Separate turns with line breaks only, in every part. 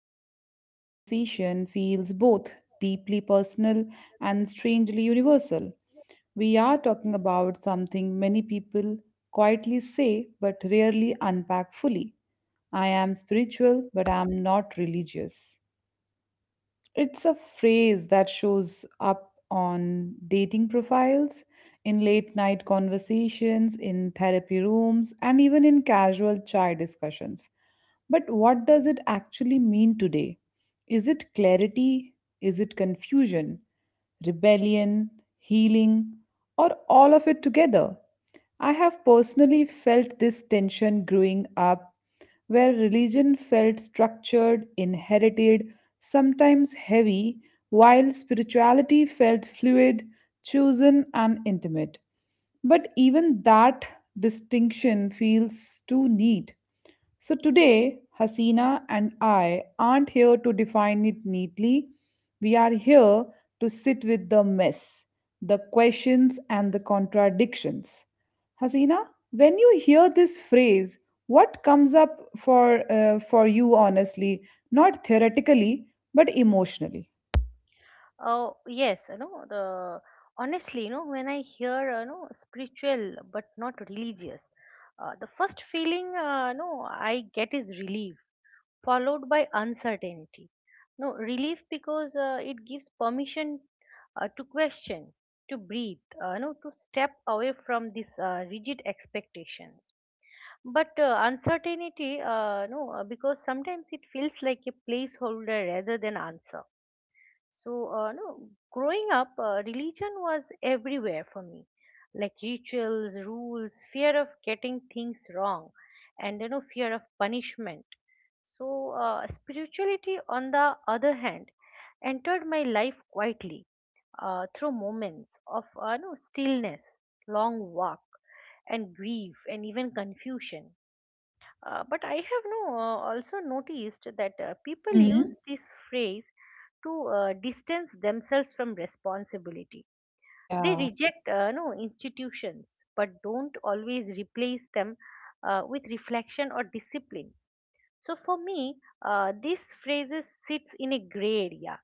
Today's conversation feels both deeply personal and strangely universal. We are talking about something many people quietly say but rarely unpack fully. I am spiritual, but I am not religious. It's a phrase that shows up on dating profiles, in late night conversations, in therapy rooms, and even in casual chai discussions. But what does it actually mean today? Is it clarity? Is it confusion? Rebellion? Healing? Or all of it together? I have personally felt this tension growing up, where religion felt structured, inherited, sometimes heavy, while spirituality felt fluid, chosen, and intimate. But even that distinction feels too neat. So today, Hasina and I aren't here to define it neatly. We are here to sit with the mess, the questions, and the contradictions. Hasina, when you hear this phrase, what comes up for you honestly, not theoretically, but emotionally?
yes, you know the honestly, you know when I hear spiritual but not religious, the first feeling no I get is relief, followed by uncertainty. No relief because it gives permission to question, to breathe, no to step away from these rigid expectations. But uncertainty, no, because sometimes it feels like a placeholder rather than answer. So, no, growing up, religion was everywhere for me, like rituals, rules, fear of getting things wrong, and you know, fear of punishment. So, spirituality, on the other hand, entered my life quietly through moments of no, stillness, long walk, and grief, and even confusion. But I have no, also noticed that people use
Hmm.
this phrase to distance themselves from responsibility. They
Yeah,
reject institutions, but don't always replace them with reflection or discipline. So for me, this phrase sits in a gray area.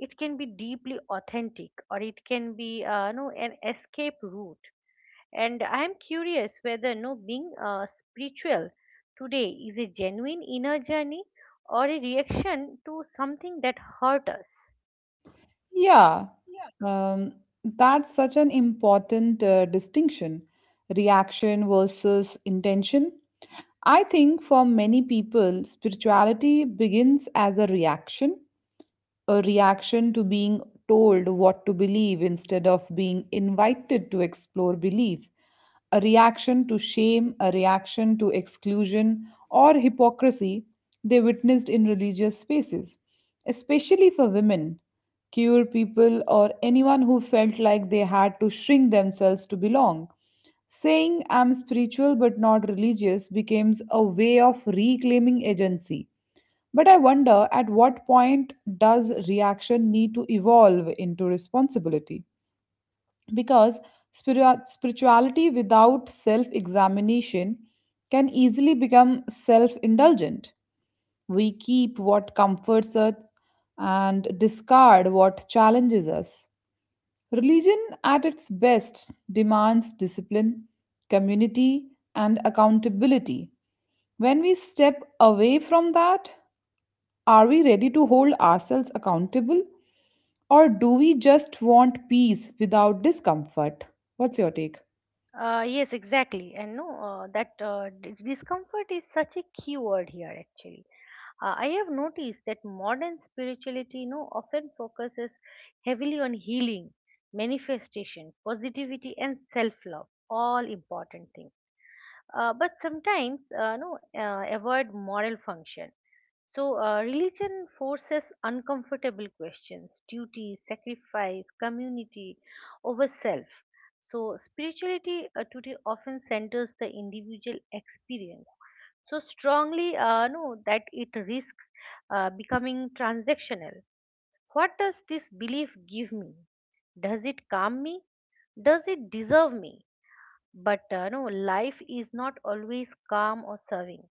It can be deeply authentic, or it can be no an escape route, and I am curious whether no being spiritual today is a genuine inner journey or a reaction to something that hurt us.
yeah. Um, that's such an important distinction. Reaction versus intention. I think for many people, spirituality begins as a reaction, a reaction to being told what to believe instead of being invited to explore belief, a reaction to shame, a reaction to exclusion or hypocrisy they witnessed in religious spaces, especially for women, queer people, or anyone who felt like they had to shrink themselves to belong. Saying I'm spiritual but not religious becomes a way of reclaiming agency, but I wonder at what point does reaction need to evolve into responsibility? Because spirituality without self examination can easily become self indulgent. We keep what comforts us and discard what challenges us. Religion, at its best, demands discipline, community, and accountability. When we step away from that, are we ready to hold ourselves accountable? Or do we just want peace without discomfort? What's your take?
Yes, exactly, and no, that d- discomfort is such a key word here actually. I have noticed that modern spirituality no often focuses heavily on healing, manifestation, positivity, and self-love, all important things. But sometimes, no, avoid moral function. So, religion forces uncomfortable questions duty, sacrifice, community over self. So, spirituality today often centers the individual experience so strongly, no, that it risks becoming transactional. What does this belief give me? Does it calm me? Does it deserve me? But life is not always calm or serving.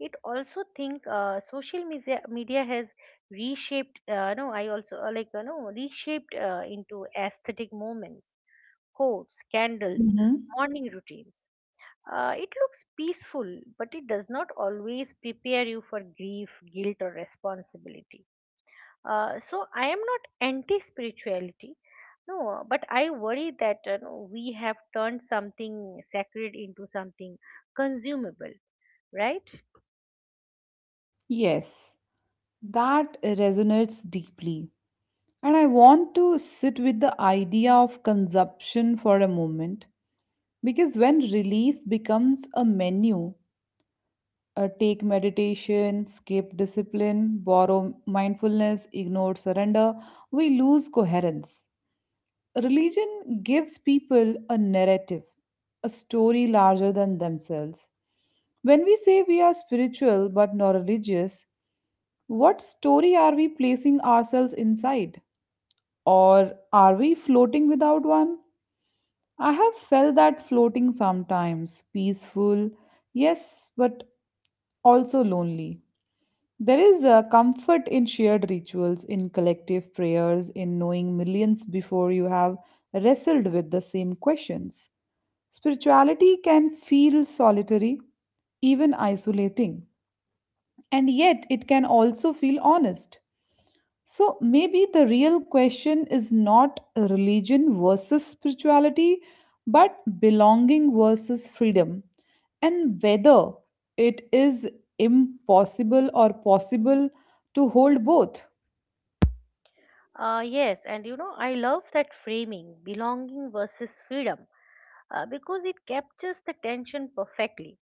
It also think media has reshaped no I also like you know reshaped into aesthetic moments, quotes, candles,
Hmm.
morning routines. Uh, it looks peaceful, but it does not always prepare you for grief, guilt, or responsibility. Uh, so I am not anti spirituality, no, but I worry that no, we have turned something sacred into something consumable, right?
Yes, that resonates deeply. And I want to sit with the idea of consumption for a moment because when relief becomes a menu, take meditation, skip discipline, borrow mindfulness, ignore surrender, we lose coherence. Religion gives people a narrative, a story larger than themselves. When we say we are spiritual but not religious, what story are we placing ourselves inside? Or are we floating without one? I have felt that floating sometimes, peaceful, yes, but also lonely. There is a comfort in shared rituals, in collective prayers, in knowing millions before you have wrestled with the same questions. Spirituality can feel solitary, even isolating, and yet it can also feel honest. So maybe the real question is not religion versus spirituality, but belonging versus freedom, and whether it is impossible or possible to hold both.
Yes, and you know, I love that framing, belonging versus freedom, because it captures the tension perfectly.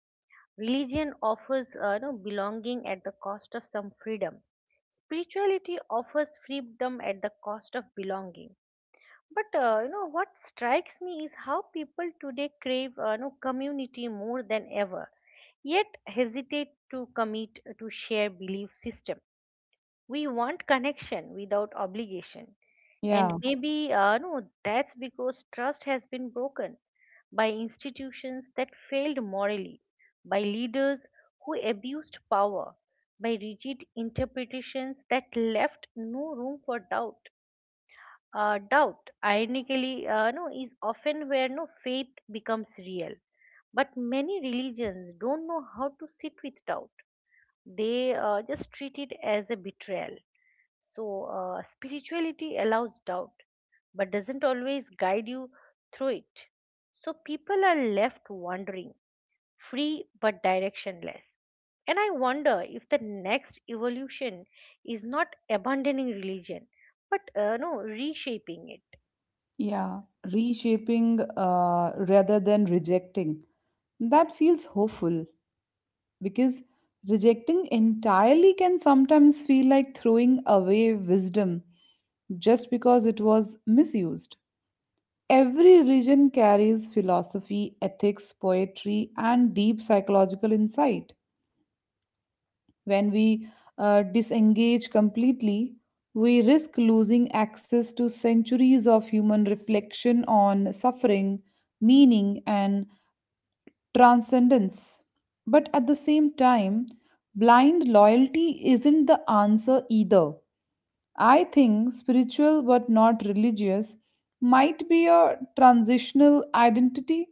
Religion offers belonging at the cost of some freedom. Spirituality offers freedom at the cost of belonging. But what strikes me is how people today crave community more than ever, yet hesitate to commit to share belief system. We want connection without obligation, and
Yeah,
maybe no, that's because trust has been broken by institutions that failed morally, by leaders who abused power, by rigid interpretations that left no room for doubt. Doubt, ironically, is often where no faith becomes real. But many religions don't know how to sit with doubt. They just treat it as a betrayal. So spirituality allows doubt, but doesn't always guide you through it. So people are left wandering, free but directionless. And I wonder if the next evolution is not abandoning religion, but no reshaping it.
yeah. Reshaping rather than rejecting. That feels hopeful because rejecting entirely can sometimes feel like throwing away wisdom just because it was misused. Every religion carries philosophy, ethics, poetry, and deep psychological insight. When we disengage completely, we risk losing access to centuries of human reflection on suffering, meaning, and transcendence. But at the same time, blind loyalty isn't the answer either. I think spiritual but not religious might be a transitional identity,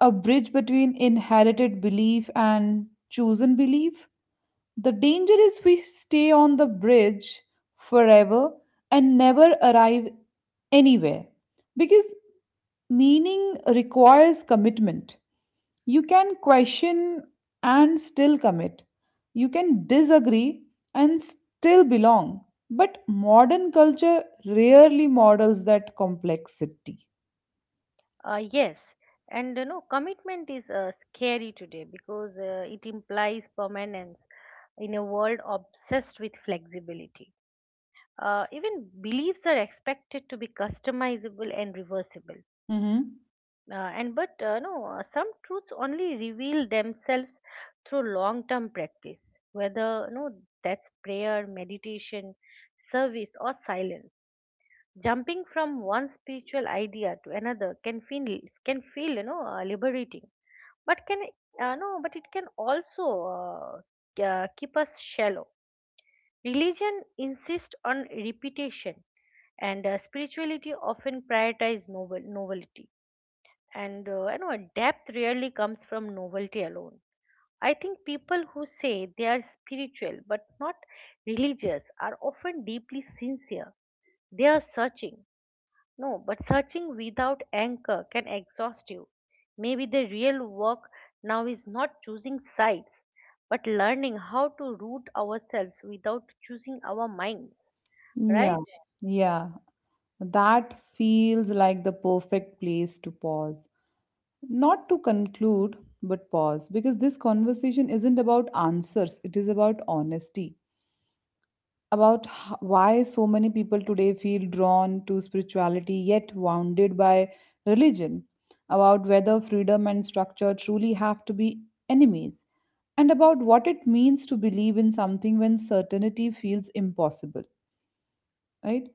a bridge between inherited belief and chosen belief. The danger is we stay on the bridge forever and never arrive anywhere because meaning requires commitment. You can question and still commit. You can disagree and still belong. But modern culture rarely models that complexity.
Yes, and you know, commitment is scary today because it implies permanence in a world obsessed with flexibility. Even beliefs are expected to be customizable and reversible.
Mhm.
And but no, Some truths only reveal themselves through long-term practice, whether no that's prayer, meditation, service, or silence. Jumping from one spiritual idea to another can feel, you know, liberating, but can no but it can also uh, keep us shallow. Religion insists on repetition, and spirituality often prioritize novelty, and depth rarely comes from novelty alone. I think people who say they are spiritual but not religious are often deeply sincere. They are searching, no, but searching without anchor can exhaust you. Maybe the real work now is not choosing sides, but learning how to root ourselves without choosing our minds,
Yeah,
right?
yeah. That feels like the perfect place to pause. Not to conclude, but pause. Because this conversation isn't about answers, it is about honesty. About why so many people today feel drawn to spirituality yet wounded by religion. About whether freedom and structure truly have to be enemies. And about what it means to believe in something when certainty feels impossible, right?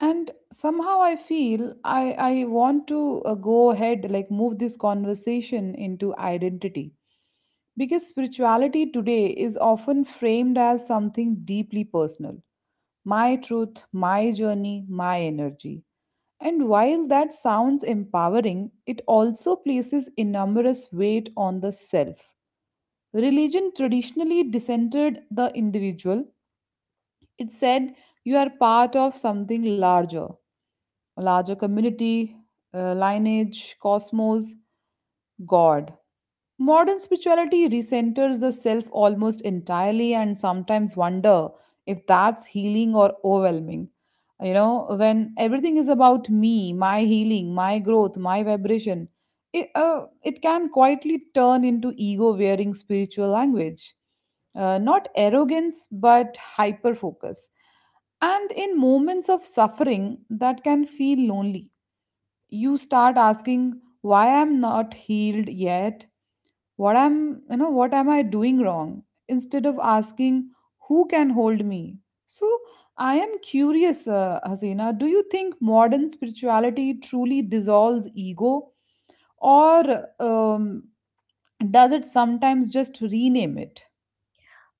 And somehow i feel i i want to go ahead, like move this conversation into identity, because spirituality today is often framed as something deeply personal: my truth, my journey, my energy. And while that sounds empowering, it also places enormous weight on the self. Religion traditionally discentered the individual. It said you are part of something larger, larger community, lineage, cosmos, God. Modern spirituality recenters the self almost entirely, and sometimes wonder if that's healing or overwhelming. You know, when everything is about me, my healing, my growth, my vibration, it can quietly turn into ego wearing spiritual language. Not arrogance, but hyper focus. And in moments of suffering, that can feel lonely. You start asking why I'm not healed yet, what am I doing wrong, instead of asking who can hold me. So I am curious, Hasina, do you think modern spirituality truly dissolves ego, or does it sometimes just rename it?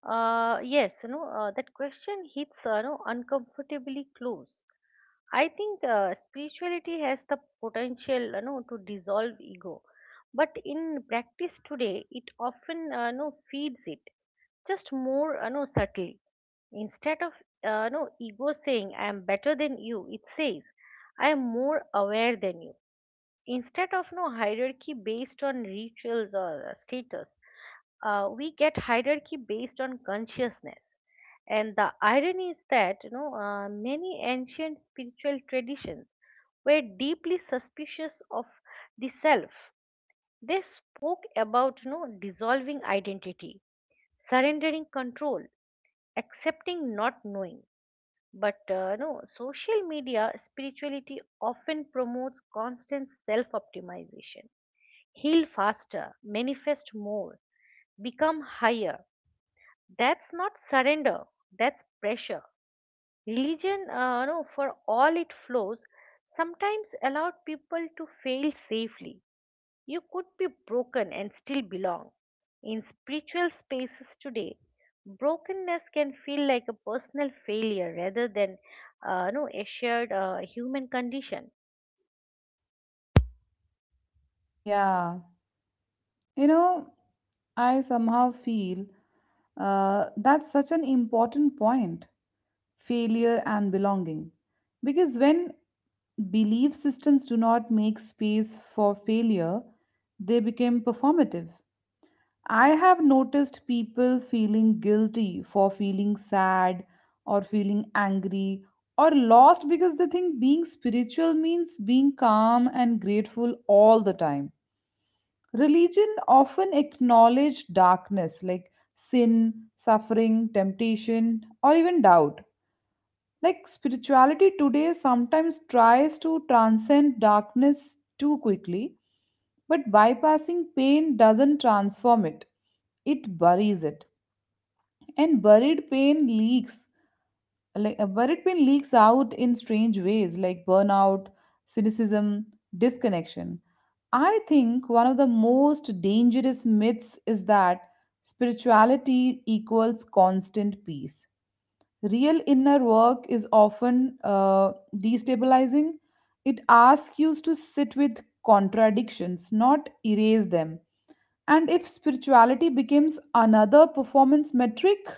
Yes, you know, that question hits, uncomfortably close. I think spirituality has the potential, you know, to dissolve ego, but in practice today, it often, feeds it, just more, you know, subtly. Instead of no ego saying I am better than you, it says I am more aware than you. Instead of no hierarchy based on rituals or status, we get hierarchy based on consciousness. And the irony is that, you know, many ancient spiritual traditions were deeply suspicious of the self. They spoke about, you know, dissolving identity, surrendering control, accepting not knowing. But no, social media spirituality often promotes constant self optimization. Heal faster, manifest more, become higher. That's not surrender, that's pressure. Religion, no, for all it flows, sometimes allowed people to fail safely. You could be broken and still belong. In spiritual spaces today, brokenness can feel like a personal failure rather than no, a shared human condition.
Yeah. You know, I somehow feel that's such an important point, failure and belonging. Because when belief systems do not make space for failure, they become performative. I have noticed people feeling guilty for feeling sad or feeling angry or lost because they think being spiritual means being calm and grateful all the time. Religion often acknowledge darkness like sin, suffering, temptation, or even doubt. Like spirituality today sometimes tries to transcend darkness too quickly, but bypassing pain doesn't transform it, it buries it. And buried pain leaks, like but it been leaks out in strange ways, like burnout, cynicism, disconnection. I think one of the most dangerous myths is that spirituality equals constant peace. Real inner work is often destabilizing. It asks you to sit with contradictions, not erase them. And if spirituality becomes another performance metric,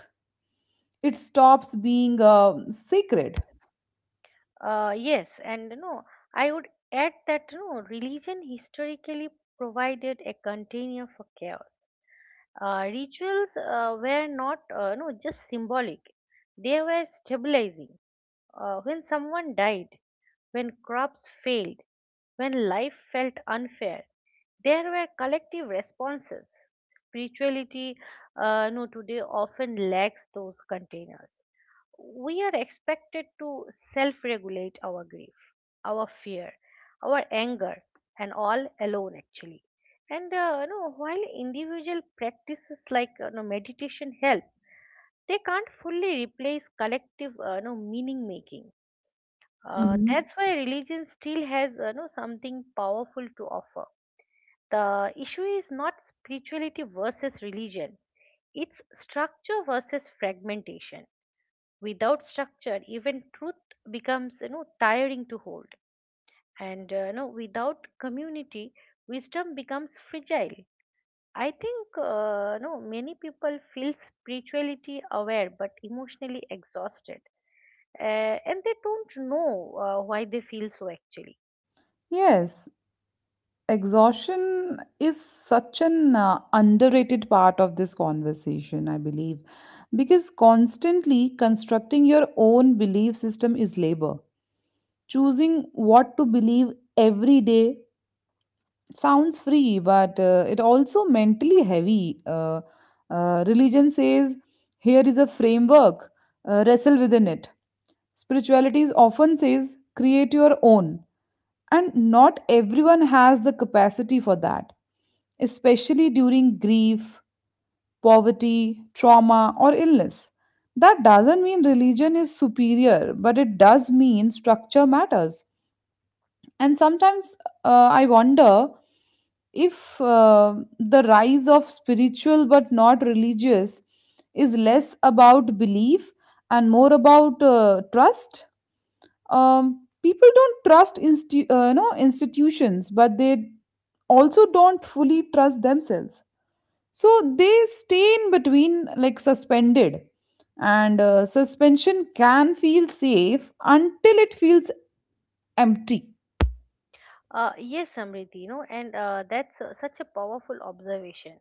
it stops being sacred.
Yes, and no, I would add that no religion historically provided a container for chaos. Rituals were not no, just symbolic, they were stabilizing. When someone died, when crops failed, when life felt unfair, there were collective responses. Spirituality no, today often lacks those containers. We are expected to self regulate our grief, our fear, our anger, and all alone actually. And while individual practices like, meditation help, they can't fully replace collective meaning making.
Mhm.
That's why religion still has, something powerful to offer. The issue is not spirituality versus religion, it's structure versus fragmentation. Without structure, even truth becomes, you know, tiring to hold. And without community, wisdom becomes fragile. I think no many people feel spirituality aware but emotionally exhausted, and they don't know why they feel so actually.
Yes, exhaustion is such an underrated part of this conversation, I believe, because constantly constructing your own belief system is labor. Choosing what to believe every day sounds free, but it also mentally heavy. Religion says, here is a framework, wrestle within it. Spirituality is often says, create your own. And not everyone has the capacity for that, especially during grief, poverty, trauma, or illness. That doesn't mean religion is superior, but it does mean structure matters. And sometimes I wonder if the rise of spiritual but not religious is less about belief and more about trust. People don't trust you know, institutions, but they also don't fully trust themselves. So they stay in between, like suspended. And suspension can feel safe until it feels empty.
Yes, Samriti, you know, and that's such a powerful observation,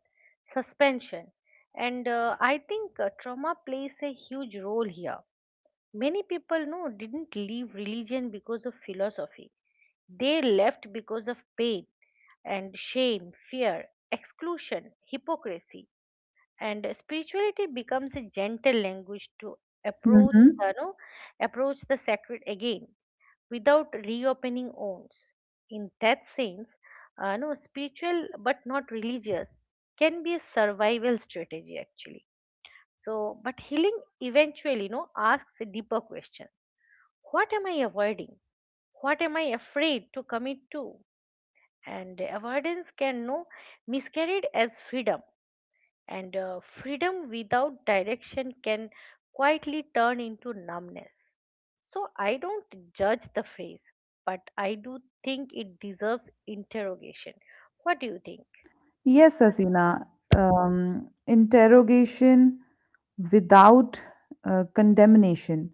suspension, and I think trauma plays a huge role here. Many people didn't leave religion because of philosophy; they left because of pain and shame, fear, exclusion, hypocrisy. And spirituality becomes a gentle language to approach the no, approach the sacred again without reopening wounds. In that sense, no spiritual but not religious can be a survival strategy actually. So but healing eventually no asks a deeper question. What am I avoiding? What am I afraid to commit to? And avoidance can no miscarried as freedom, and freedom without direction can quietly turn into numbness. So I don't judge the phrase, but I do think it deserves interrogation. What do you think?
Yes, Asina. Interrogation without condemnation.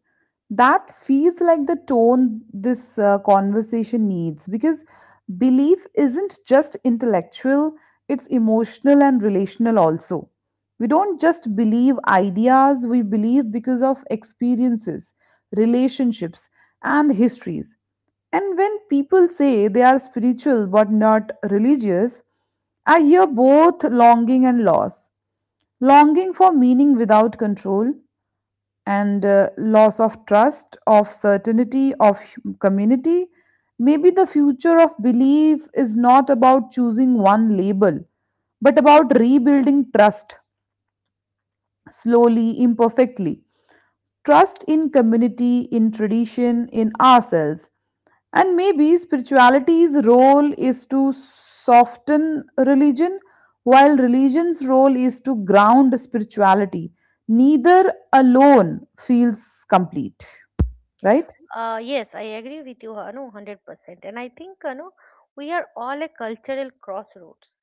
That feels like the tone this conversation needs because belief isn't just intellectual, it's emotional and relational also. We don't just believe ideas, we believe because of experiences, relationships, and histories. And when people say they are spiritual but not religious, I hear both longing and loss. Longing for meaning without control, and loss of trust, of certainty, of community. Maybe the future of belief is not about choosing one label, but about rebuilding trust slowly, imperfectly. Trust in community, in tradition, in ourselves. And maybe spirituality's role is to soften religion, while religion's role is to ground spirituality. Neither alone feels complete, right?
Yes, I agree with you, Hanu, 100%. And I think, Hanu, we are all at cultural crossroads.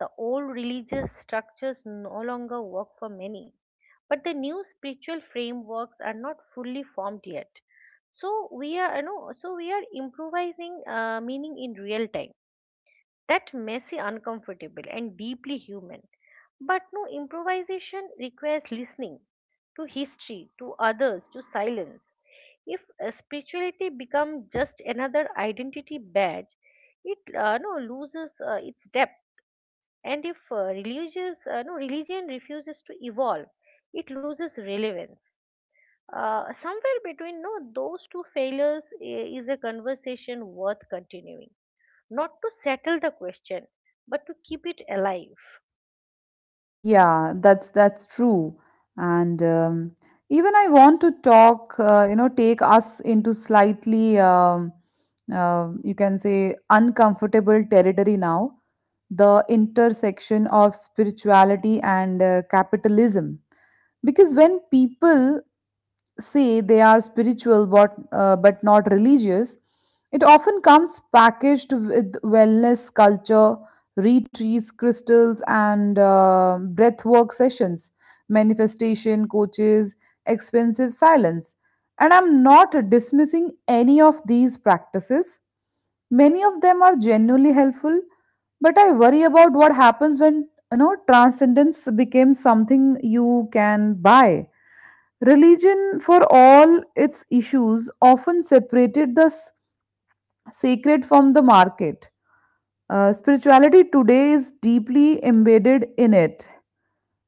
The old religious structures no longer work for many, but the new spiritual frameworks are not fully formed yet. So we are, you know, so we are improvising meaning in real time. That messy, uncomfortable, and deeply human. But no improvisation requires listening, to history, to others, to silence. If spirituality becomes just another identity badge, it no loses its depth. And if religious no religion refuses to evolve, it loses relevance. Somewhere between no those two failures is a conversation worth continuing, not to settle the question, but to keep it alive.
Yeah, that's true. And even I want to talk, you know, take us into slightly, you can say, uncomfortable territory now, the intersection of spirituality and capitalism. Because when people say they are spiritual but not religious, it often comes packaged with wellness culture, retreats, crystals, and breathwork sessions, manifestation coaches, expensive silence. And I'm not dismissing any of these practices. Many of them are genuinely helpful, but I worry about what happens when you know transcendence becomes something you can buy. Religion, for all its issues, often separated the sacred from the market. Spirituality today is deeply embedded in it.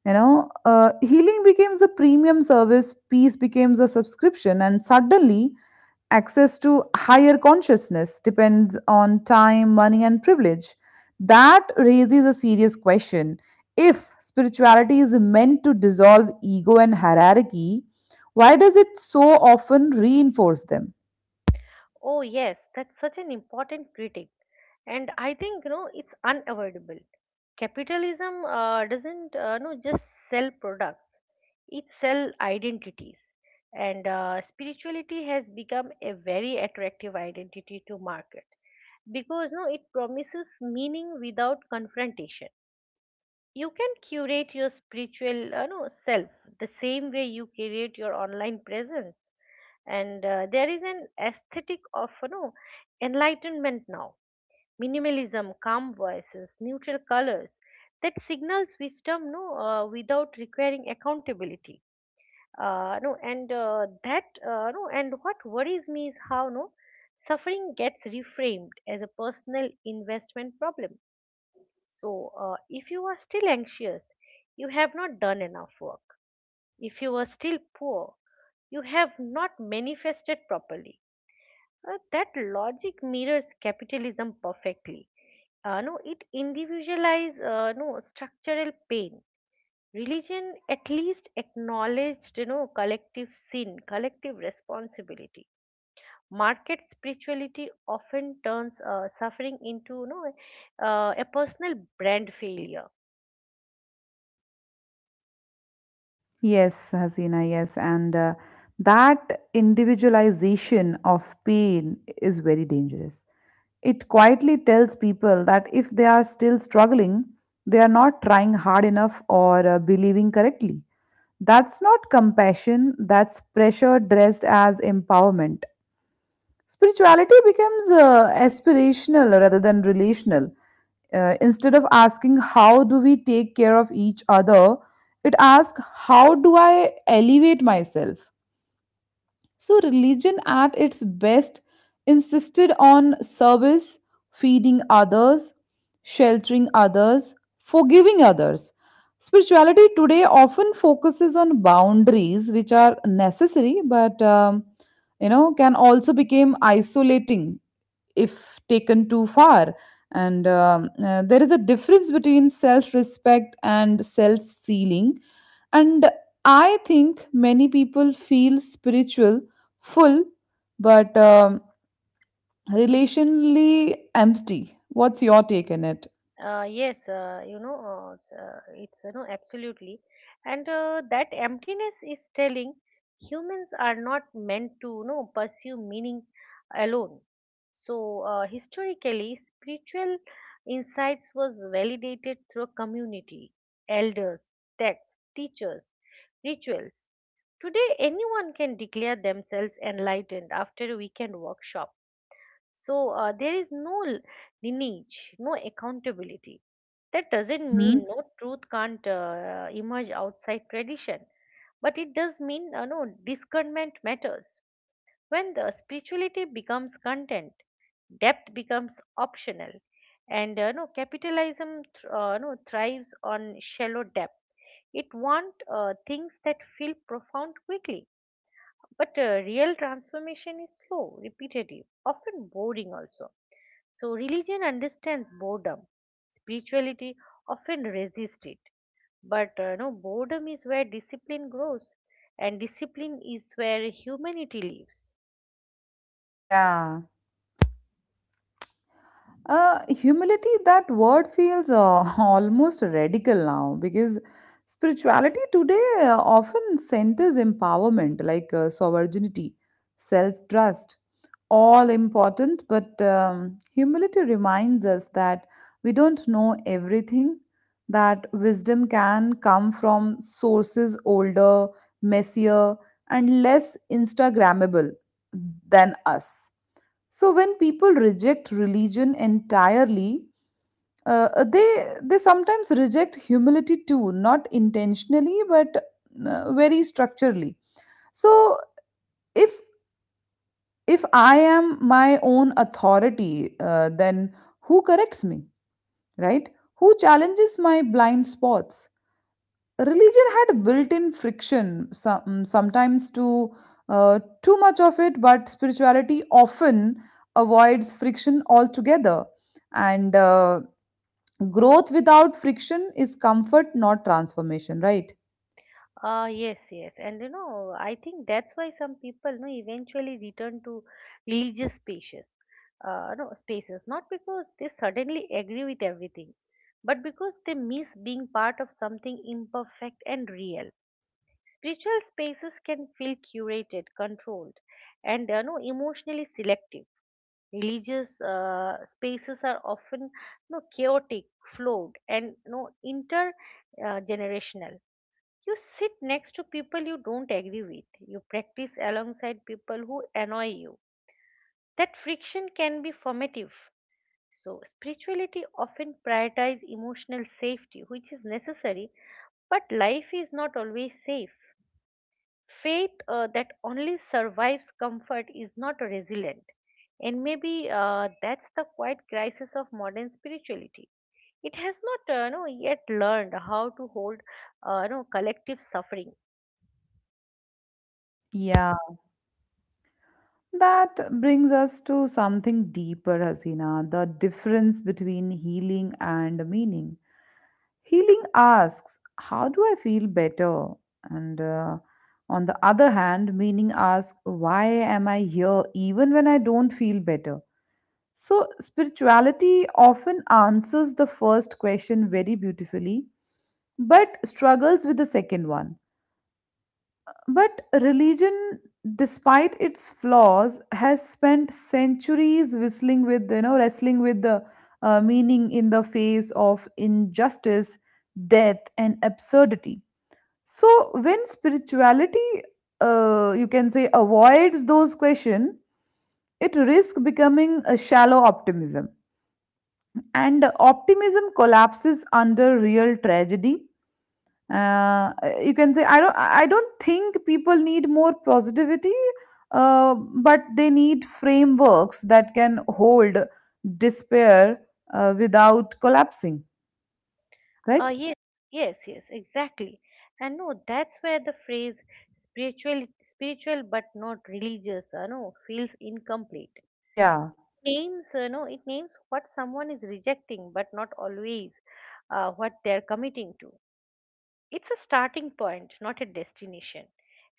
You know, healing becomes a premium service, peace becomes a subscription, and suddenly access to higher consciousness depends on time, money, and privilege. That raises a serious question. If spirituality is meant to dissolve ego and hierarchy, why does it so often reinforce them?
Oh yes, that's such an important critic, and I think, you know, it's unavoidable. Capitalism doesn't no just sell products, it sell identities. And spirituality has become a very attractive identity to market, because it promises meaning without confrontation. You can curate your spiritual no, self the same way you curate your online presence. And there is an aesthetic of, you know, enlightenment now, minimalism, calm voices, neutral colors, that signals wisdom without requiring accountability. Uh, no and uh, that uh, no and what worries me is how no suffering gets reframed as a personal investment problem. So, if you are still anxious, you have not done enough work. If you are still poor, you have not manifested properly. That logic mirrors capitalism perfectly. No, it individualizes no structural pain. Religion at least acknowledged, you know, collective sin, collective responsibility. Market spirituality often turns suffering into, you know, a personal brand failure.
Yes, Hasina, yes. And that individualization of pain is very dangerous. It quietly tells people that if they are still struggling, they are not trying hard enough or believing correctly. That's not compassion, that's pressure dressed as empowerment. Spirituality becomes aspirational rather than relational. Instead of asking, how do we take care of each other? It asks, how do I elevate myself? So, religion at its best insisted on service, feeding others, sheltering others, forgiving others. Spirituality today often focuses on boundaries, which are necessary, but you know, can also become isolating if taken too far. And there is a difference between self respect and self sealing. And I think many people feel spiritual, full, but relationally empty. What's your take on it?
Yes, it's, you know, absolutely, and that emptiness is telling. Humans are not meant to, you know, pursue meaning alone. So historically, spiritual insights was validated through community, elders, texts, teachers, rituals. Today, anyone can declare themselves enlightened after a weekend workshop. So, there is no lineage, no accountability. That doesn't
Hmm.
mean truth can't emerge outside tradition, but it does mean no discernment matters. When the spirituality becomes content, depth becomes optional, and capitalism th- no thrives on shallow depth. It wants things that feel profound quickly, but real transformation is slow, repetitive, often boring also. So religion understands boredom. Spirituality often resists it. But no, boredom is where discipline grows, and discipline is where humanity lives.
Yeah. Humility, that word feels almost radical now because spirituality today often centers empowerment like sovereignty, self trust, all important. But humility reminds us that we don't know everything, that wisdom can come from sources older, messier, and less Instagrammable than us. So when people reject religion entirely, uh, they they sometimes reject humility too, not intentionally but very structurally. So if if I am my own authority, then who corrects me, right? Who challenges my blind spots? Religion had built-in friction sometimes to too much of it, but spirituality often avoids friction altogether, and growth without friction is comfort, not transformation, right?
Ah, yes, yes. And I think that's why some people no, eventually return to religious spaces. No, spaces. Not because they suddenly agree with everything, but because they miss being part of something imperfect and real. Spiritual spaces can feel curated, controlled, and no, emotionally selective. Religious spaces are often chaotic, flawed, and intergenerational. You sit next to people you don't agree with. You practice alongside people who annoy you. That friction can be formative. So spirituality often prioritizes emotional safety, which is necessary, but life is not always safe. Faith that only survives comfort is not resilient, and maybe that's the quiet crisis of modern spirituality. It has not no, yet learned how to hold no, collective suffering.
Yeah, that brings us to something deeper, Hasina, the difference between healing and meaning. Healing asks, how do I feel better? And on the other hand, meaning asks, why am I here even when I don't feel better? So, spirituality often answers the first question very beautifully, but struggles with the second one. But religion, despite its flaws, has spent centuries whistling with you know wrestling with the meaning in the face of injustice, death, and absurdity. So when spirituality, you can say, avoids those questions, it risks becoming a shallow optimism, and optimism collapses under real tragedy. uh, you can say, I don't think people need more positivity, but they need frameworks that can hold despair without collapsing, right?
Yes, yes, yes, exactly. And no that's where the phrase spiritual but not religious feels incomplete.
Yeah.
Names uh, no it names what someone is rejecting but not always what they're committing to. It's a starting point, not a destination.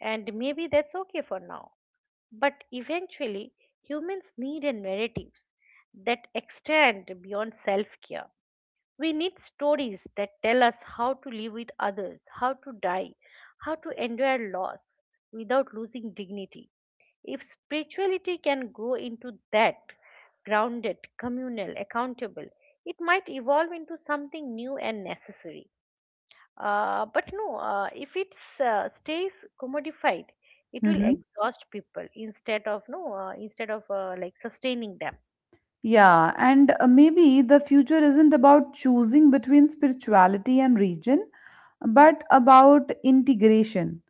And maybe that's okay for now. But eventually, humans need a narratives that extend beyond self care. We need stories that tell us how to live with others, how to die, how to endure loss without losing dignity. If spirituality can grow into that, grounded, communal, accountable, it might evolve into something new and necessary. But if it stays commodified, it will
Hmm.
exhaust people instead of no, instead of like sustaining them.
Yeah, and maybe the future isn't about choosing between spirituality and region but about integration,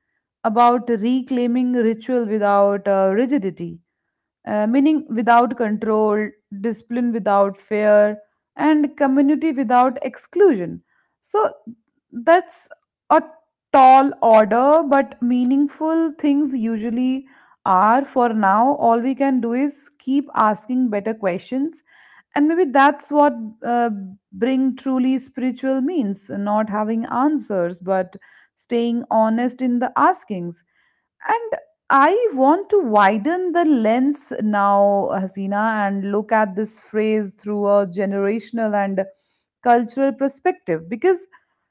about reclaiming ritual without rigidity, meaning without control, discipline without fear, and community without exclusion. So that's a tall order, but meaningful things usually are. For now, all we can do is keep asking better questions. And maybe that's what uh, bring truly spiritual means, not having answers, but staying honest in the askings. And I want to widen the lens now, Hasina, and look at this phrase through a generational and cultural perspective, because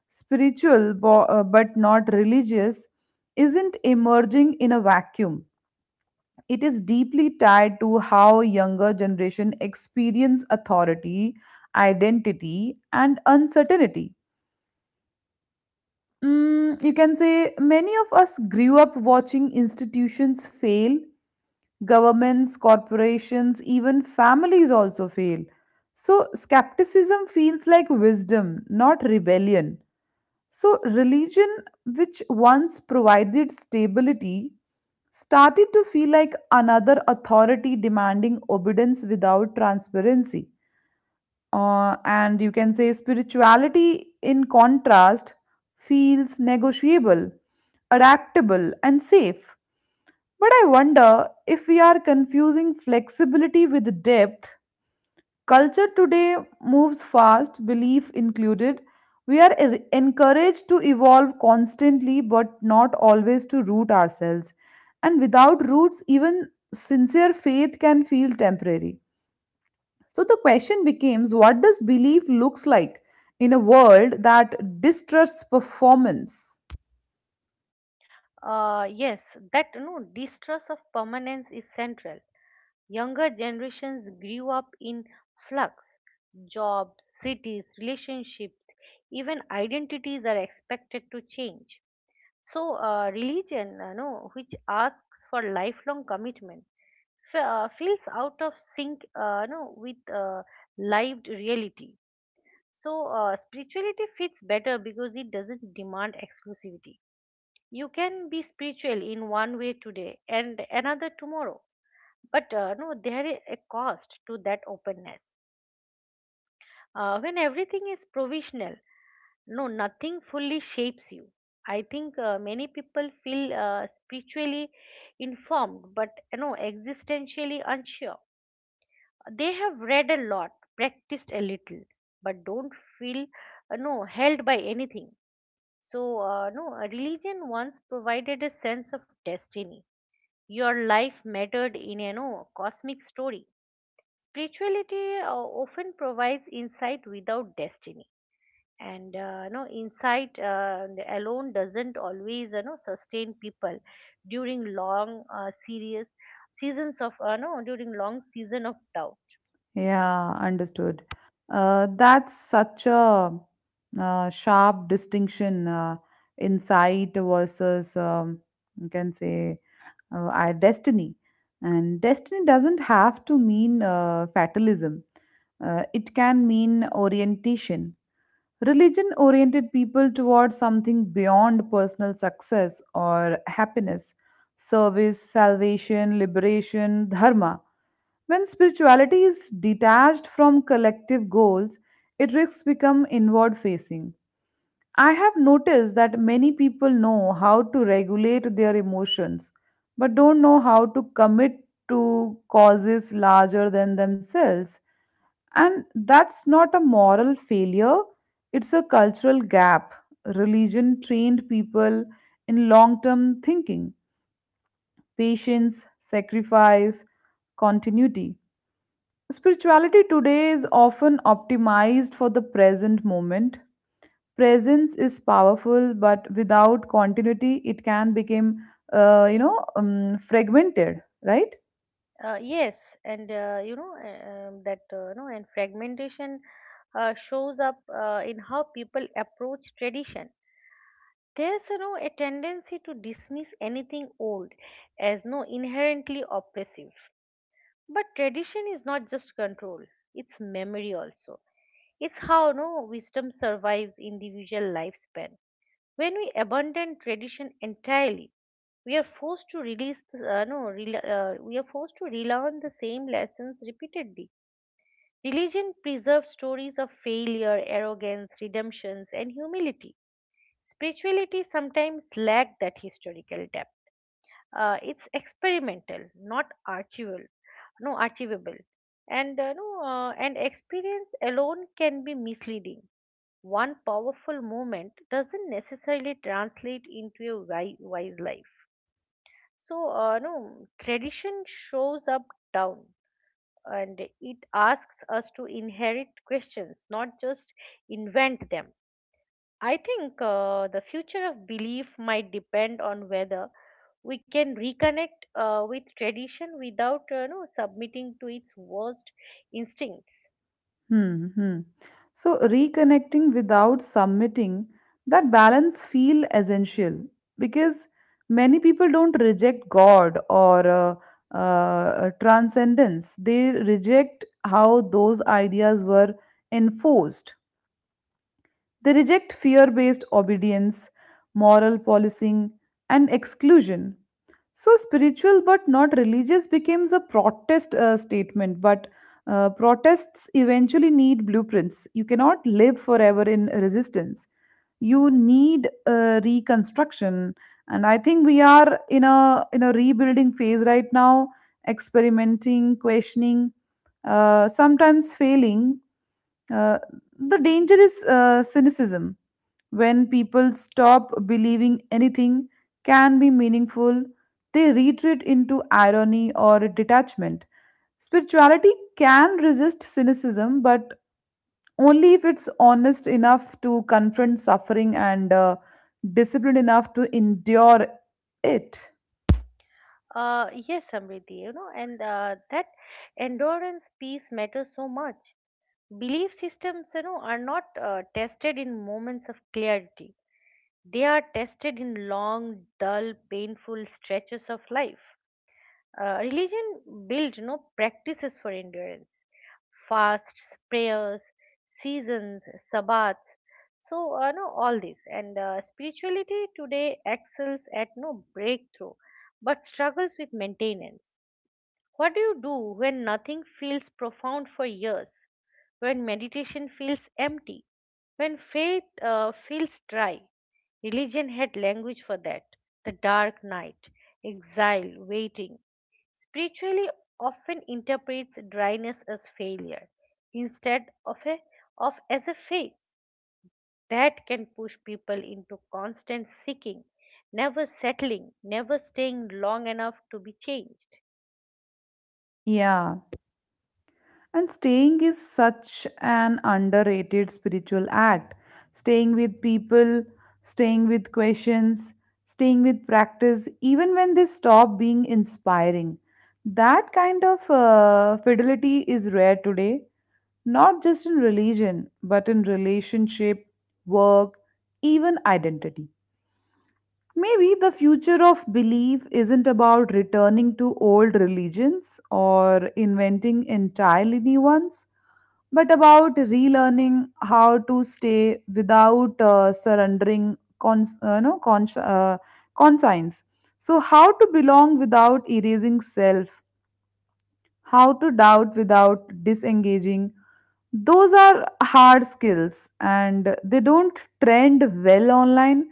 spiritual, but not religious, isn't emerging in a vacuum. It is deeply tied to how younger generation experience authority, identity, and uncertainty. Mm, you can say many of us grew up watching institutions fail. Governments, corporations, even families also fail. So, skepticism feels like wisdom, not rebellion. So, religion, which once provided stability, started to feel like another authority demanding obedience without transparency. And you can say spirituality, in contrast, feels negotiable, adaptable, and safe. But I wonder if we are confusing flexibility with depth. Culture today moves fast, belief included. We are encouraged to evolve constantly, but not always to root ourselves. And without roots, even sincere faith can feel temporary. So the question becomes, what does belief looks like in a world that distrusts performance?
Yes, that no distrust of permanence is central. Younger generations grew up in flux. Jobs, cities, relationships, even identities are expected to change. So, religion, no, which asks for lifelong commitment, feels out of sync no, with lived reality. So, spirituality fits better because it doesn't demand exclusivity. You can be spiritual in one way today and another tomorrow, but no, there is a cost to that openness. When everything is provisional, no nothing fully shapes you. I think many people feel spiritually informed but existentially unsure. They have read a lot, practiced a little, but don't feel no held by anything. So no religion once provided a sense of destiny. Your life mattered in a no cosmic story. Spirituality often provides insight without destiny, and insight alone doesn't always sustain people during long serious seasons of no during long season of doubt.
Yeah, understood. That's such a sharp distinction, insight versus, you can say, our destiny. And destiny doesn't have to mean fatalism, it can mean orientation. Religion oriented people towards something beyond personal success or happiness, service, salvation, liberation, dharma. When spirituality is detached from collective goals, it risks become inward facing. I have noticed that many people know how to regulate their emotions but don't know how to commit to causes larger than themselves. And that's not a moral failure, it's a cultural gap. Religion trained people in long term thinking, patience, sacrifice, continuity. Spirituality today is often optimized for the present moment. Presence is powerful, but without continuity, it can become, fragmented, right?
Yes, and you know and fragmentation shows up in how people approach tradition. There's a tendency to dismiss anything old as no inherently oppressive. But tradition is not just control; it's memory also. It's how no wisdom survives individual lifespan. When we abandon tradition entirely, we are forced to release the, no rela we are forced to relearn the same lessons repeatedly. Religion preserves stories of failure, arrogance, redemptions, and humility. Spirituality sometimes lacks that historical depth. It's experimental, not archival no archivable. And no and experience alone can be misleading. One powerful moment doesn't necessarily translate into a wise life. So, no, tradition shows up down, and it asks us to inherit questions, not just invent them. I think the future of belief might depend on whether we can reconnect with tradition without no, submitting to its worst instincts.
Hmm, hmm. So, reconnecting without submitting, that balance feel essential because many people don't reject God or transcendence. They reject how those ideas were enforced. They reject fear based obedience, moral policing, and exclusion. So spiritual but not religious becomes a protest statement, but protests eventually need blueprints. You cannot live forever in resistance. You need reconstruction, and I think we are in a rebuilding phase right now, experimenting, questioning, sometimes failing. Uh, the danger is cynicism. When people stop believing anything can be meaningful, they retreat into irony or detachment. Spirituality can resist cynicism, but only if it's honest enough to confront suffering and disciplined enough to endure it.
Yes, Samriddhi, you know, and that endurance piece matters so much. Belief systems, are not tested in moments of clarity. They are tested in long, dull, painful stretches of life. Religion built practices for endurance: fasts, prayers, seasons, sabbats. So, no, all this, and spirituality today excels at no breakthrough, but struggles with maintenance. What do you do when nothing feels profound for years? When meditation feels empty? When faith feels dry? Religion had language for that. The dark night, exile, waiting. Spiritually often interprets dryness as failure instead of a of as a phase that can push people into constant seeking, never settling, never staying long enough to be changed.
Yeah. And staying is such an underrated spiritual act. Staying with people, staying with questions, staying with practice, even when they stop being inspiring. That kind of fidelity is rare today, not just in religion, but in relationship, work, even identity. Maybe the future of belief isn't about returning to old religions or inventing entirely new ones, but about relearning how to stay without surrendering cons- no, cons- conscience. So, how to belong without erasing self, how to doubt without disengaging. Those are hard skills, and they don't trend well online,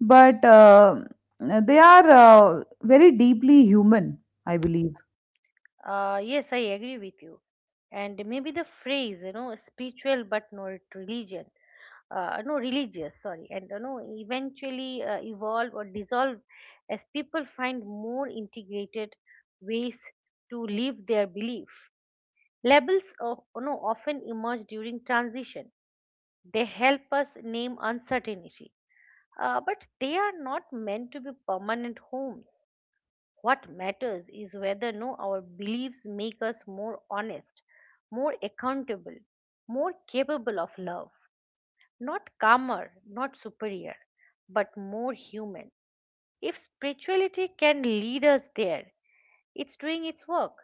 but they are very deeply human, I believe.
Yes, I agree with you. And maybe the phrase, spiritual but not religion, no, religious, sorry, and eventually evolve or dissolve as people find more integrated ways to live their belief. Labels of, often emerge during transition. They help us name uncertainty, but they are not meant to be permanent homes. What matters is whether no our beliefs make us more honest, more accountable, more capable of love, not calmer, not superior, but more human. If spirituality can lead us there, it's doing its work.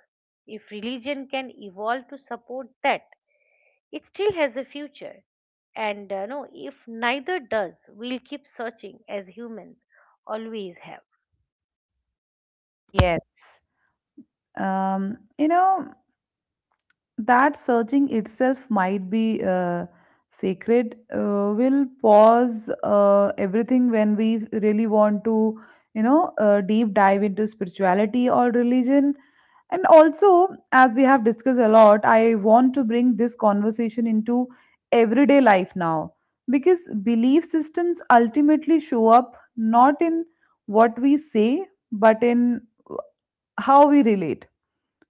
If religion can evolve to support that, it still has a future. And if neither does, we'll keep searching as humans always have.
Yes. Um, you know, that searching itself might be sacred. Will pause everything when we really want to deep dive into spirituality or religion. And also, as we have discussed a lot, I want to bring this conversation into everyday life now, because belief systems ultimately show up not in what we say but in how we relate,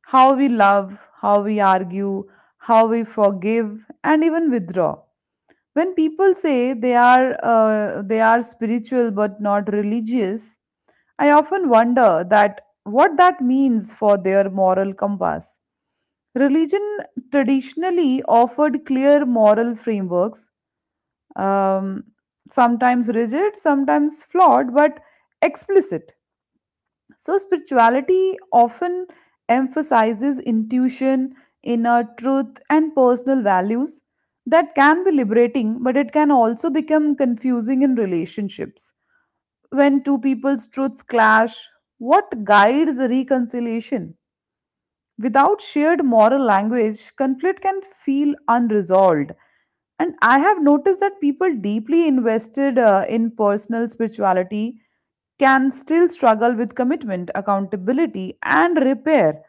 how we love, how we argue, how we forgive, and even withdraw. When people say they are spiritual but not religious, I often wonder that what that means for their moral compass. Religion traditionally offered clear moral frameworks, um, sometimes rigid, sometimes flawed, but explicit. So, spirituality often emphasizes intuition, inner truth, and personal values. That can be liberating, but it can also become confusing in relationships. When two people's truths clash, what guides reconciliation? Without shared moral language, conflict can feel unresolved. And I have noticed that people deeply invested in personal spirituality can still struggle with commitment, accountability, and repair.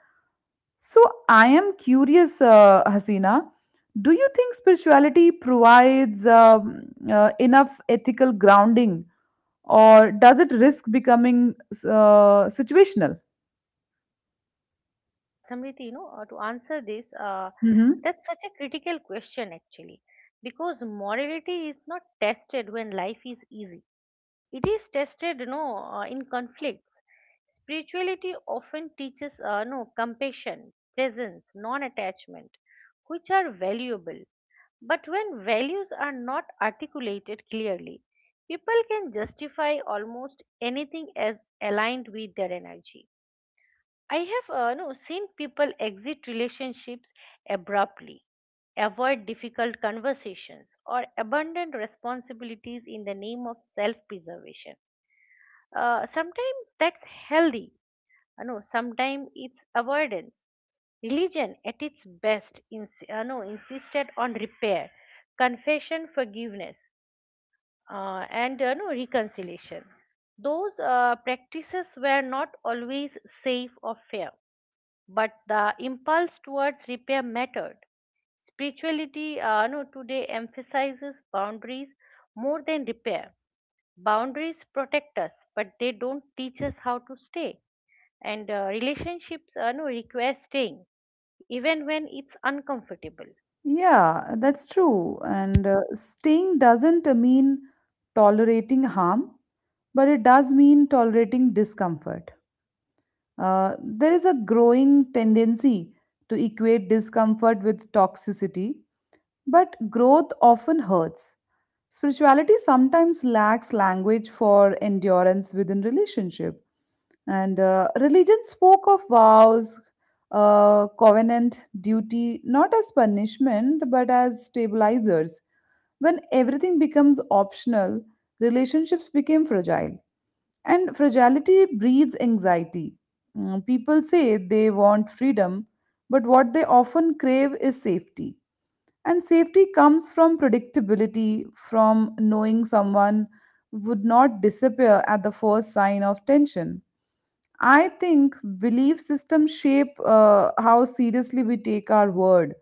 So I am curious, Hasina, do you think spirituality provides enough ethical grounding, or does it risk becoming situational?
Samriti, you know, to answer this,
Mhm.
that's such a critical question actually, because morality is not tested when life is easy. It is tested, you know, in conflicts. Spirituality often teaches, no, compassion, presence, non-attachment, which are valuable. But when values are not articulated clearly, people can justify almost anything as aligned with their energy I have no seen people exit relationships abruptly, avoid difficult conversations, or abandon responsibilities in the name of self-preservation. Sometimes that's healthy. You know, sometimes it's avoidance. Religion, at its best, ins- you know, insisted on repair, confession, forgiveness, and you know, reconciliation. Those practices were not always safe or fair but the impulse towards repair mattered. Spirituality no, today emphasizes boundaries more than repair. Boundaries protect us, but they don't teach us how to stay. And relationships no, require staying, even when it's uncomfortable.
Yeah, that's true. And staying doesn't mean tolerating harm, but it does mean tolerating discomfort. There is a growing tendency to equate discomfort with toxicity, but growth often hurts. Spirituality sometimes lacks language for endurance within relationship. And religion spoke of vows, covenant, duty, not as punishment, but as stabilizers. When everything becomes optional, relationships became fragile. And fragility breeds anxiety. Mm, people say they want freedom, but what they often crave is safety. And safety comes from predictability, from knowing someone would not disappear at the first sign of tension. I think belief systems shape how seriously we take our word.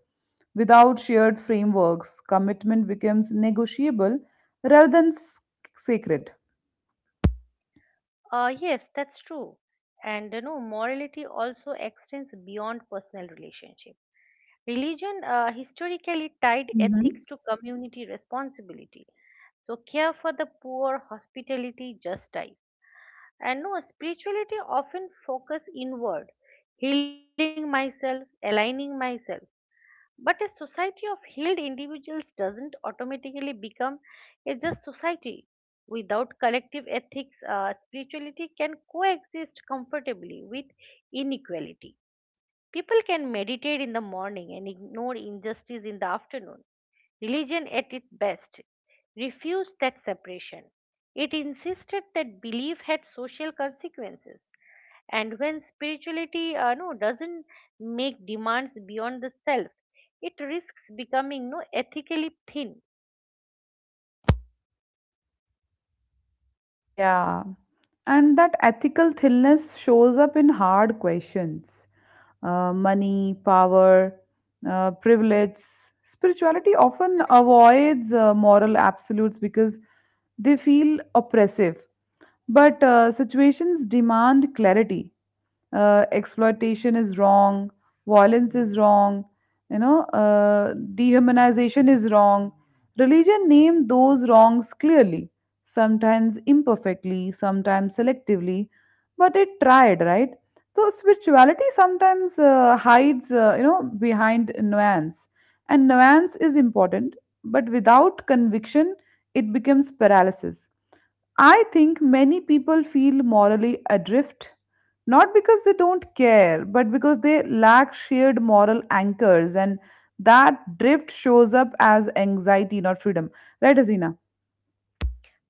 Without shared frameworks, commitment becomes negotiable rather than sacred.
Yes, that's true. And you know, morality also extends beyond personal relationships Religion historically tied
Mhm.
ethics to community responsibility. So, care for the poor, hospitality, justice. And no, spirituality often focus inward, healing myself, aligning myself. But a society of healed individuals doesn't automatically become a just society. Without collective ethics, spirituality can coexist comfortably with inequality. People can meditate in the morning and ignore injustice in the afternoon. Religion, at its best, refused that separation. It insisted that belief had social consequences. And when spirituality no, doesn't make demands beyond the self, it risks becoming no, ethically thin.
Yeah. And that ethical thinness shows up in hard questions, money, power, privilege. Spirituality often avoids moral absolutes because they feel oppressive. But situations demand clarity. Exploitation is wrong, violence is wrong, dehumanization is wrong. Religion named those wrongs clearly, sometimes imperfectly, sometimes selectively, but it tried, right? So spirituality sometimes hides, behind nuance, and nuance is important, but without conviction, it becomes paralysis. I think many people feel morally adrift, not because they don't care, but because they lack shared moral anchors, and that drift shows up as anxiety, not freedom. Right, Azina?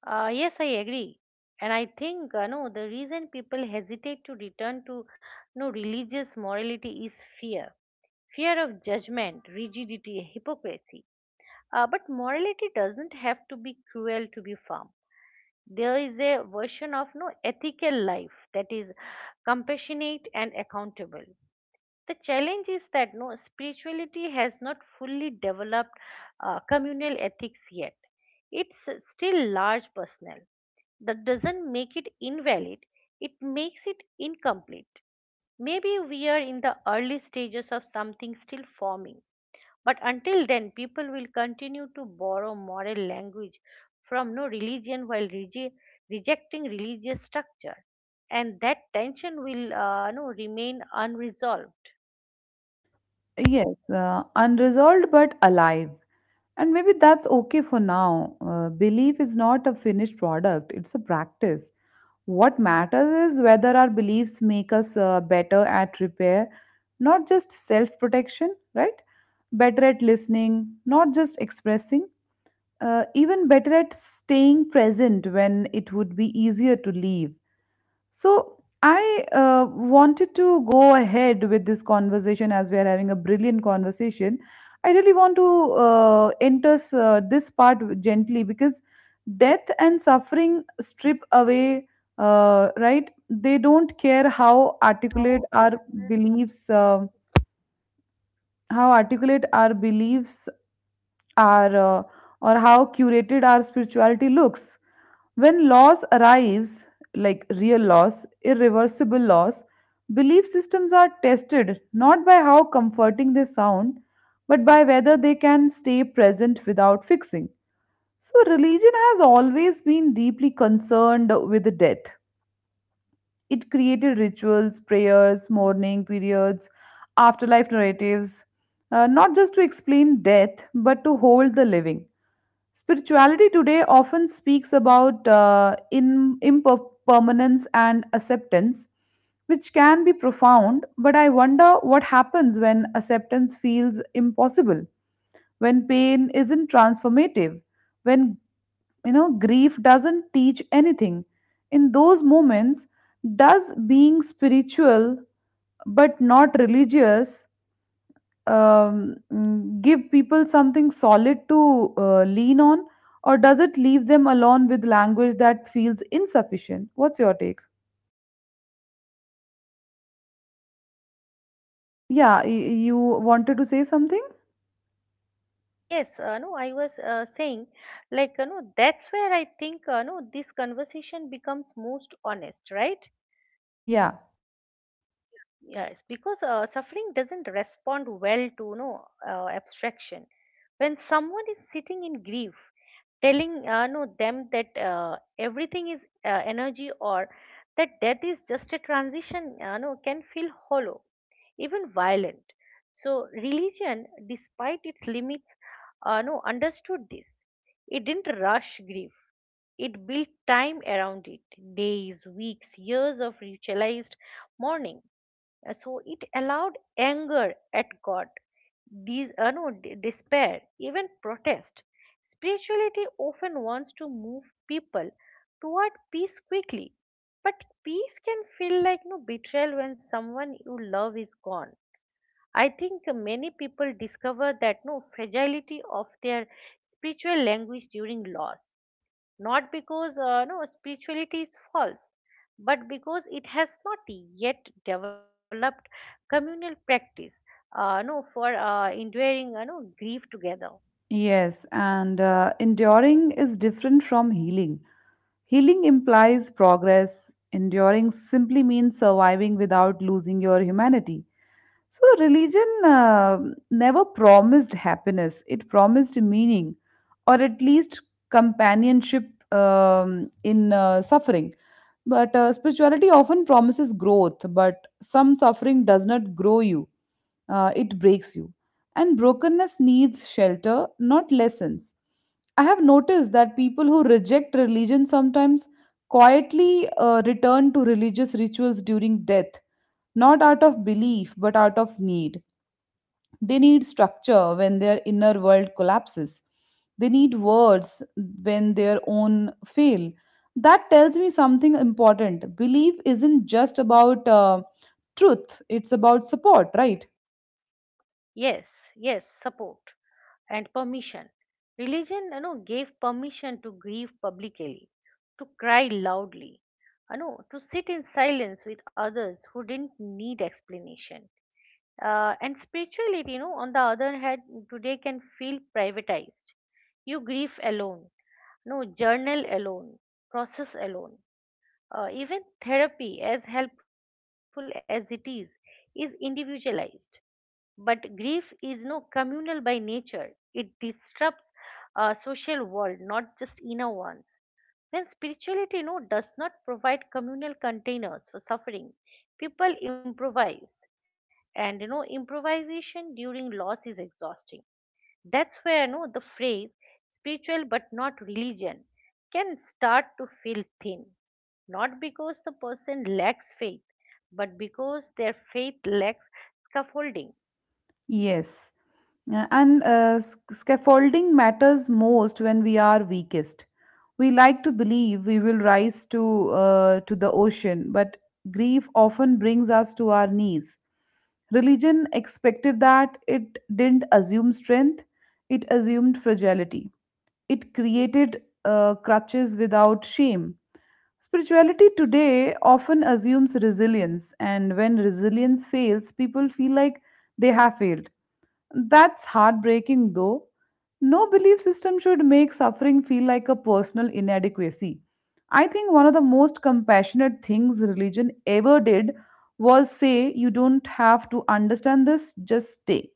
Yes, I agree. And I think no, the reason people hesitate to return to no religious morality is fear. Fear of judgment, rigidity, hypocrisy. But morality doesn't have to be cruel to be firm. There is a version of no ethical life that is compassionate and accountable. The challenge is that spirituality has not fully developed communal ethics yet. It's still large personal. That doesn't make it invalid. It makes it incomplete. Maybe we are in the early stages of something still forming. But until then, people will continue to borrow moral language from no religion while rejecting religious structure, and that tension will no, remain unresolved.
Yes, unresolved but alive. And maybe that's okay for now. Belief is not a finished product, it's a practice. What matters is whether our beliefs make us better at repair, not just self protection, right? Better at listening, not just expressing, even better at staying present when it would be easier to leave. So I wanted to go ahead with this conversation as we are having a brilliant conversation. I really want to enter this part gently, because death and suffering strip away, right? They don't care how articulate
How
our
articulate.
beliefs, how articulate our beliefs our or how curated our spirituality looks when loss arrives, like real loss, irreversible loss. Belief systems are tested not by how comforting they sound but by whether they can stay present without fixing. So religion has always been deeply concerned with the death. It created rituals, prayers, mourning periods, afterlife narratives, not just to explain death but to hold the living. Spirituality today often speaks about impermanence and acceptance, which can be profound, but I wonder what happens when acceptance feels impossible, when pain isn't transformative, when grief doesn't teach anything. In those moments, does being spiritual but not religious give people something solid to lean on, or does it leave them alone with language that feels insufficient? What's your take? Yeah, you wanted to say something?
Yes, no I was saying, like, that's where I think no this conversation becomes most honest, right?
Yeah.
Yes, because suffering doesn't respond well to no abstraction. When someone is sitting in grief, telling no them that everything is energy or that death is just a transition no can feel hollow, even violent. So religion, despite its limits, no understood this. It didn't rush grief. It built time around it: days, weeks, years of ritualized mourning. So it allowed anger at God, these, no, d- despair, even protest. Spirituality often wants to move people toward peace quickly, but peace can feel like no betrayal when someone you love is gone. I think many people discover that no fragility of their spiritual language during loss, not because no spirituality is false, but because it has not yet developed communal practice no for enduring no grief together.
Yes, and enduring is different from healing. Healing implies progress. Enduring simply means surviving without losing your humanity. So, religion never promised happiness, it promised meaning, or at least companionship in suffering. But spirituality often promises growth, but some suffering does not grow you, it breaks you. And brokenness needs shelter, not lessons. I have noticed that people who reject religion sometimes quietly return to religious rituals during death, not out of belief, but out of need. They need structure when their inner world collapses. They need words when their own fail. That tells me something important. Belief isn't just about truth, it's about support, right?
Yes, yes. Support and permission. Religion gave permission to grieve publicly, to cry loudly, to sit in silence with others who didn't need explanation. And spirituality, on the other hand, today can feel privatized. You grieve alone, no journal alone, process alone. Even therapy, as helpful as it is individualized. But grief is no communal by nature. It disrupts a social world, not just inner ones. When spirituality does not provide communal containers for suffering, people improvise. And improvisation during loss is exhausting. That's where no, the phrase spiritual but not religion can start to feel thin. Not because the person lacks faith, but because their faith lacks scaffolding.
Yes. Yeah, and scaffolding matters most when we are weakest. We like to believe we will rise to to the ocean, but grief often brings us to our knees. Religion expected that; it didn't assume strength; it assumed fragility. It created crutches without shame. Spirituality today often assumes resilience, and when resilience fails, people feel like they have failed. That's heartbreaking, though. No belief system should make suffering feel like a personal inadequacy. I think one of the most compassionate things religion ever did was say, "You don't have to understand this, just stay."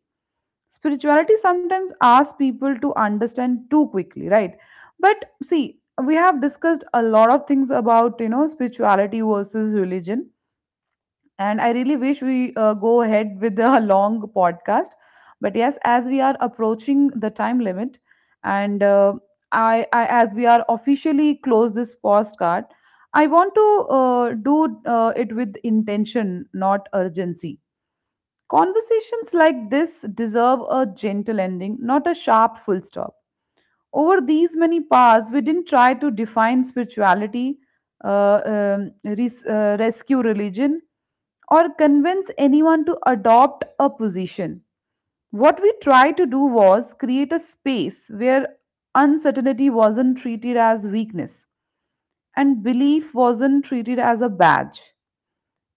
Spirituality sometimes asks people to understand too quickly, right? But see, we have discussed a lot of things about, spirituality versus religion, and I really wish we go ahead with a long podcast. But yes, as we are approaching the time limit, and as we are officially close this postcard, I want to do it with intention, not urgency. Conversations like this deserve a gentle ending, not a sharp full stop. Over these many paths, we didn't try to define spirituality, rescue religion, or convince anyone to adopt a position. What we tried to do was create a space where uncertainty wasn't treated as weakness and belief wasn't treated as a badge.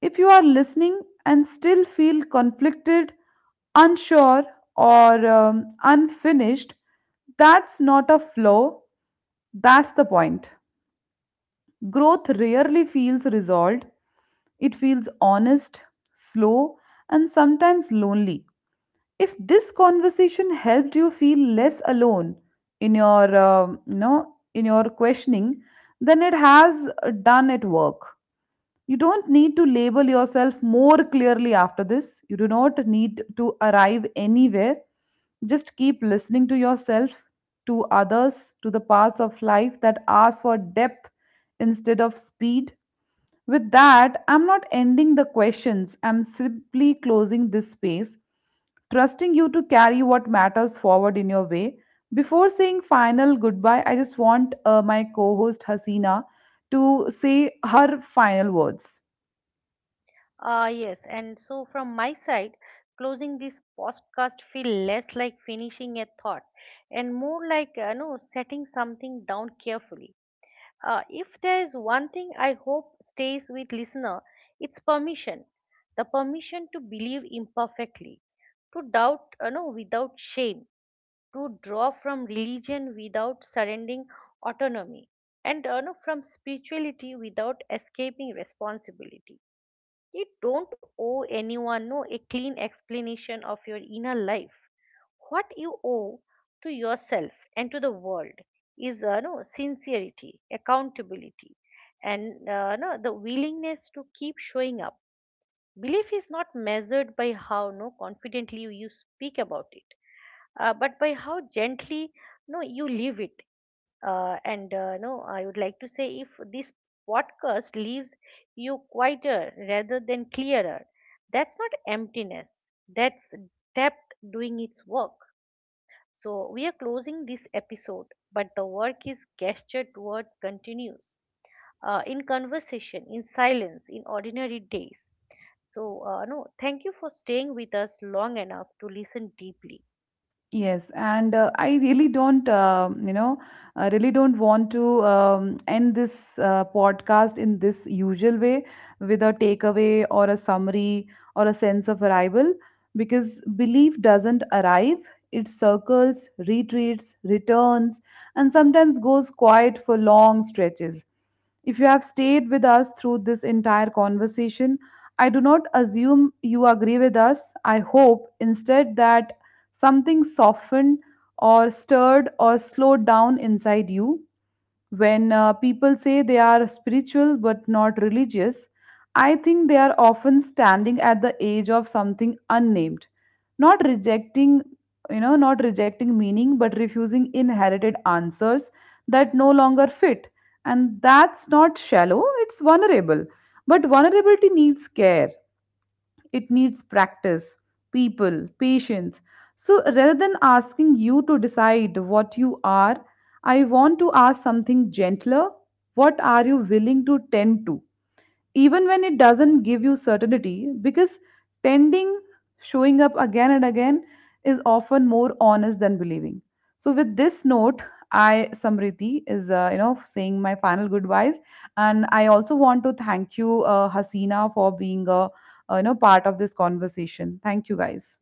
If you are listening and still feel conflicted, unsure, or unfinished, that's not a flaw, that's the point. Growth rarely feels resolved, it feels honest, slow, and sometimes lonely. If this conversation helped you feel less alone in your, in your questioning, then it has done its work. You don't need to label yourself more clearly after this. You do not need to arrive anywhere. Just keep listening to yourself, to others, to the parts of life that ask for depth instead of speed. With that, I'm not ending the questions, I'm simply closing this space, trusting you to carry what matters forward in your way. Before saying final goodbye, I just want my co host Hasina to say her final words.
Ah, yes. And so from my side, closing this podcast feel less like finishing a thought and more like no setting something down carefully. If there is one thing I hope stays with listener, it's permission, the permission to believe imperfectly, to doubt, without shame, to draw from religion without surrendering autonomy, and from spirituality without escaping responsibility. You don't owe anyone no a clean explanation of your inner life. What you owe to yourself and to the world is sincerity, accountability, and no the willingness to keep showing up. Belief is not measured by how no confidently you speak about it, but by how gently no you live it. And no, I would like to say if this podcast leaves you quieter rather than clearer, that's not emptiness. That's depth doing its work. So we are closing this episode, but the work is gestured towards continues in conversation, in silence, in ordinary days. So, no, thank you for staying with us long enough to listen deeply.
Yes, and I really don't, I really don't want to end this podcast in this usual way, with a takeaway or a summary or a sense of arrival, because belief doesn't arrive. It circles, retreats, returns, and sometimes goes quiet for long stretches. If you have stayed with us through this entire conversation, I do not assume you agree with us. I hope instead that something softened or stirred or slowed down inside you. When people say they are spiritual but not religious, I think they are often standing at the edge of something unnamed, not rejecting, not rejecting meaning, but refusing inherited answers that no longer fit. And that's not shallow, it's vulnerable. But vulnerability needs care, it needs practice, people, patience. So rather than asking you to decide what you are, I want to ask something gentler. What are you willing to tend to, even when it doesn't give you certainty? Because tending, showing up again and again, is often more honest than believing. So with this note, I, Samriti, is saying my final goodbyes, and I also want to thank you, Hasina, for being a, part of this conversation. Thank you, guys.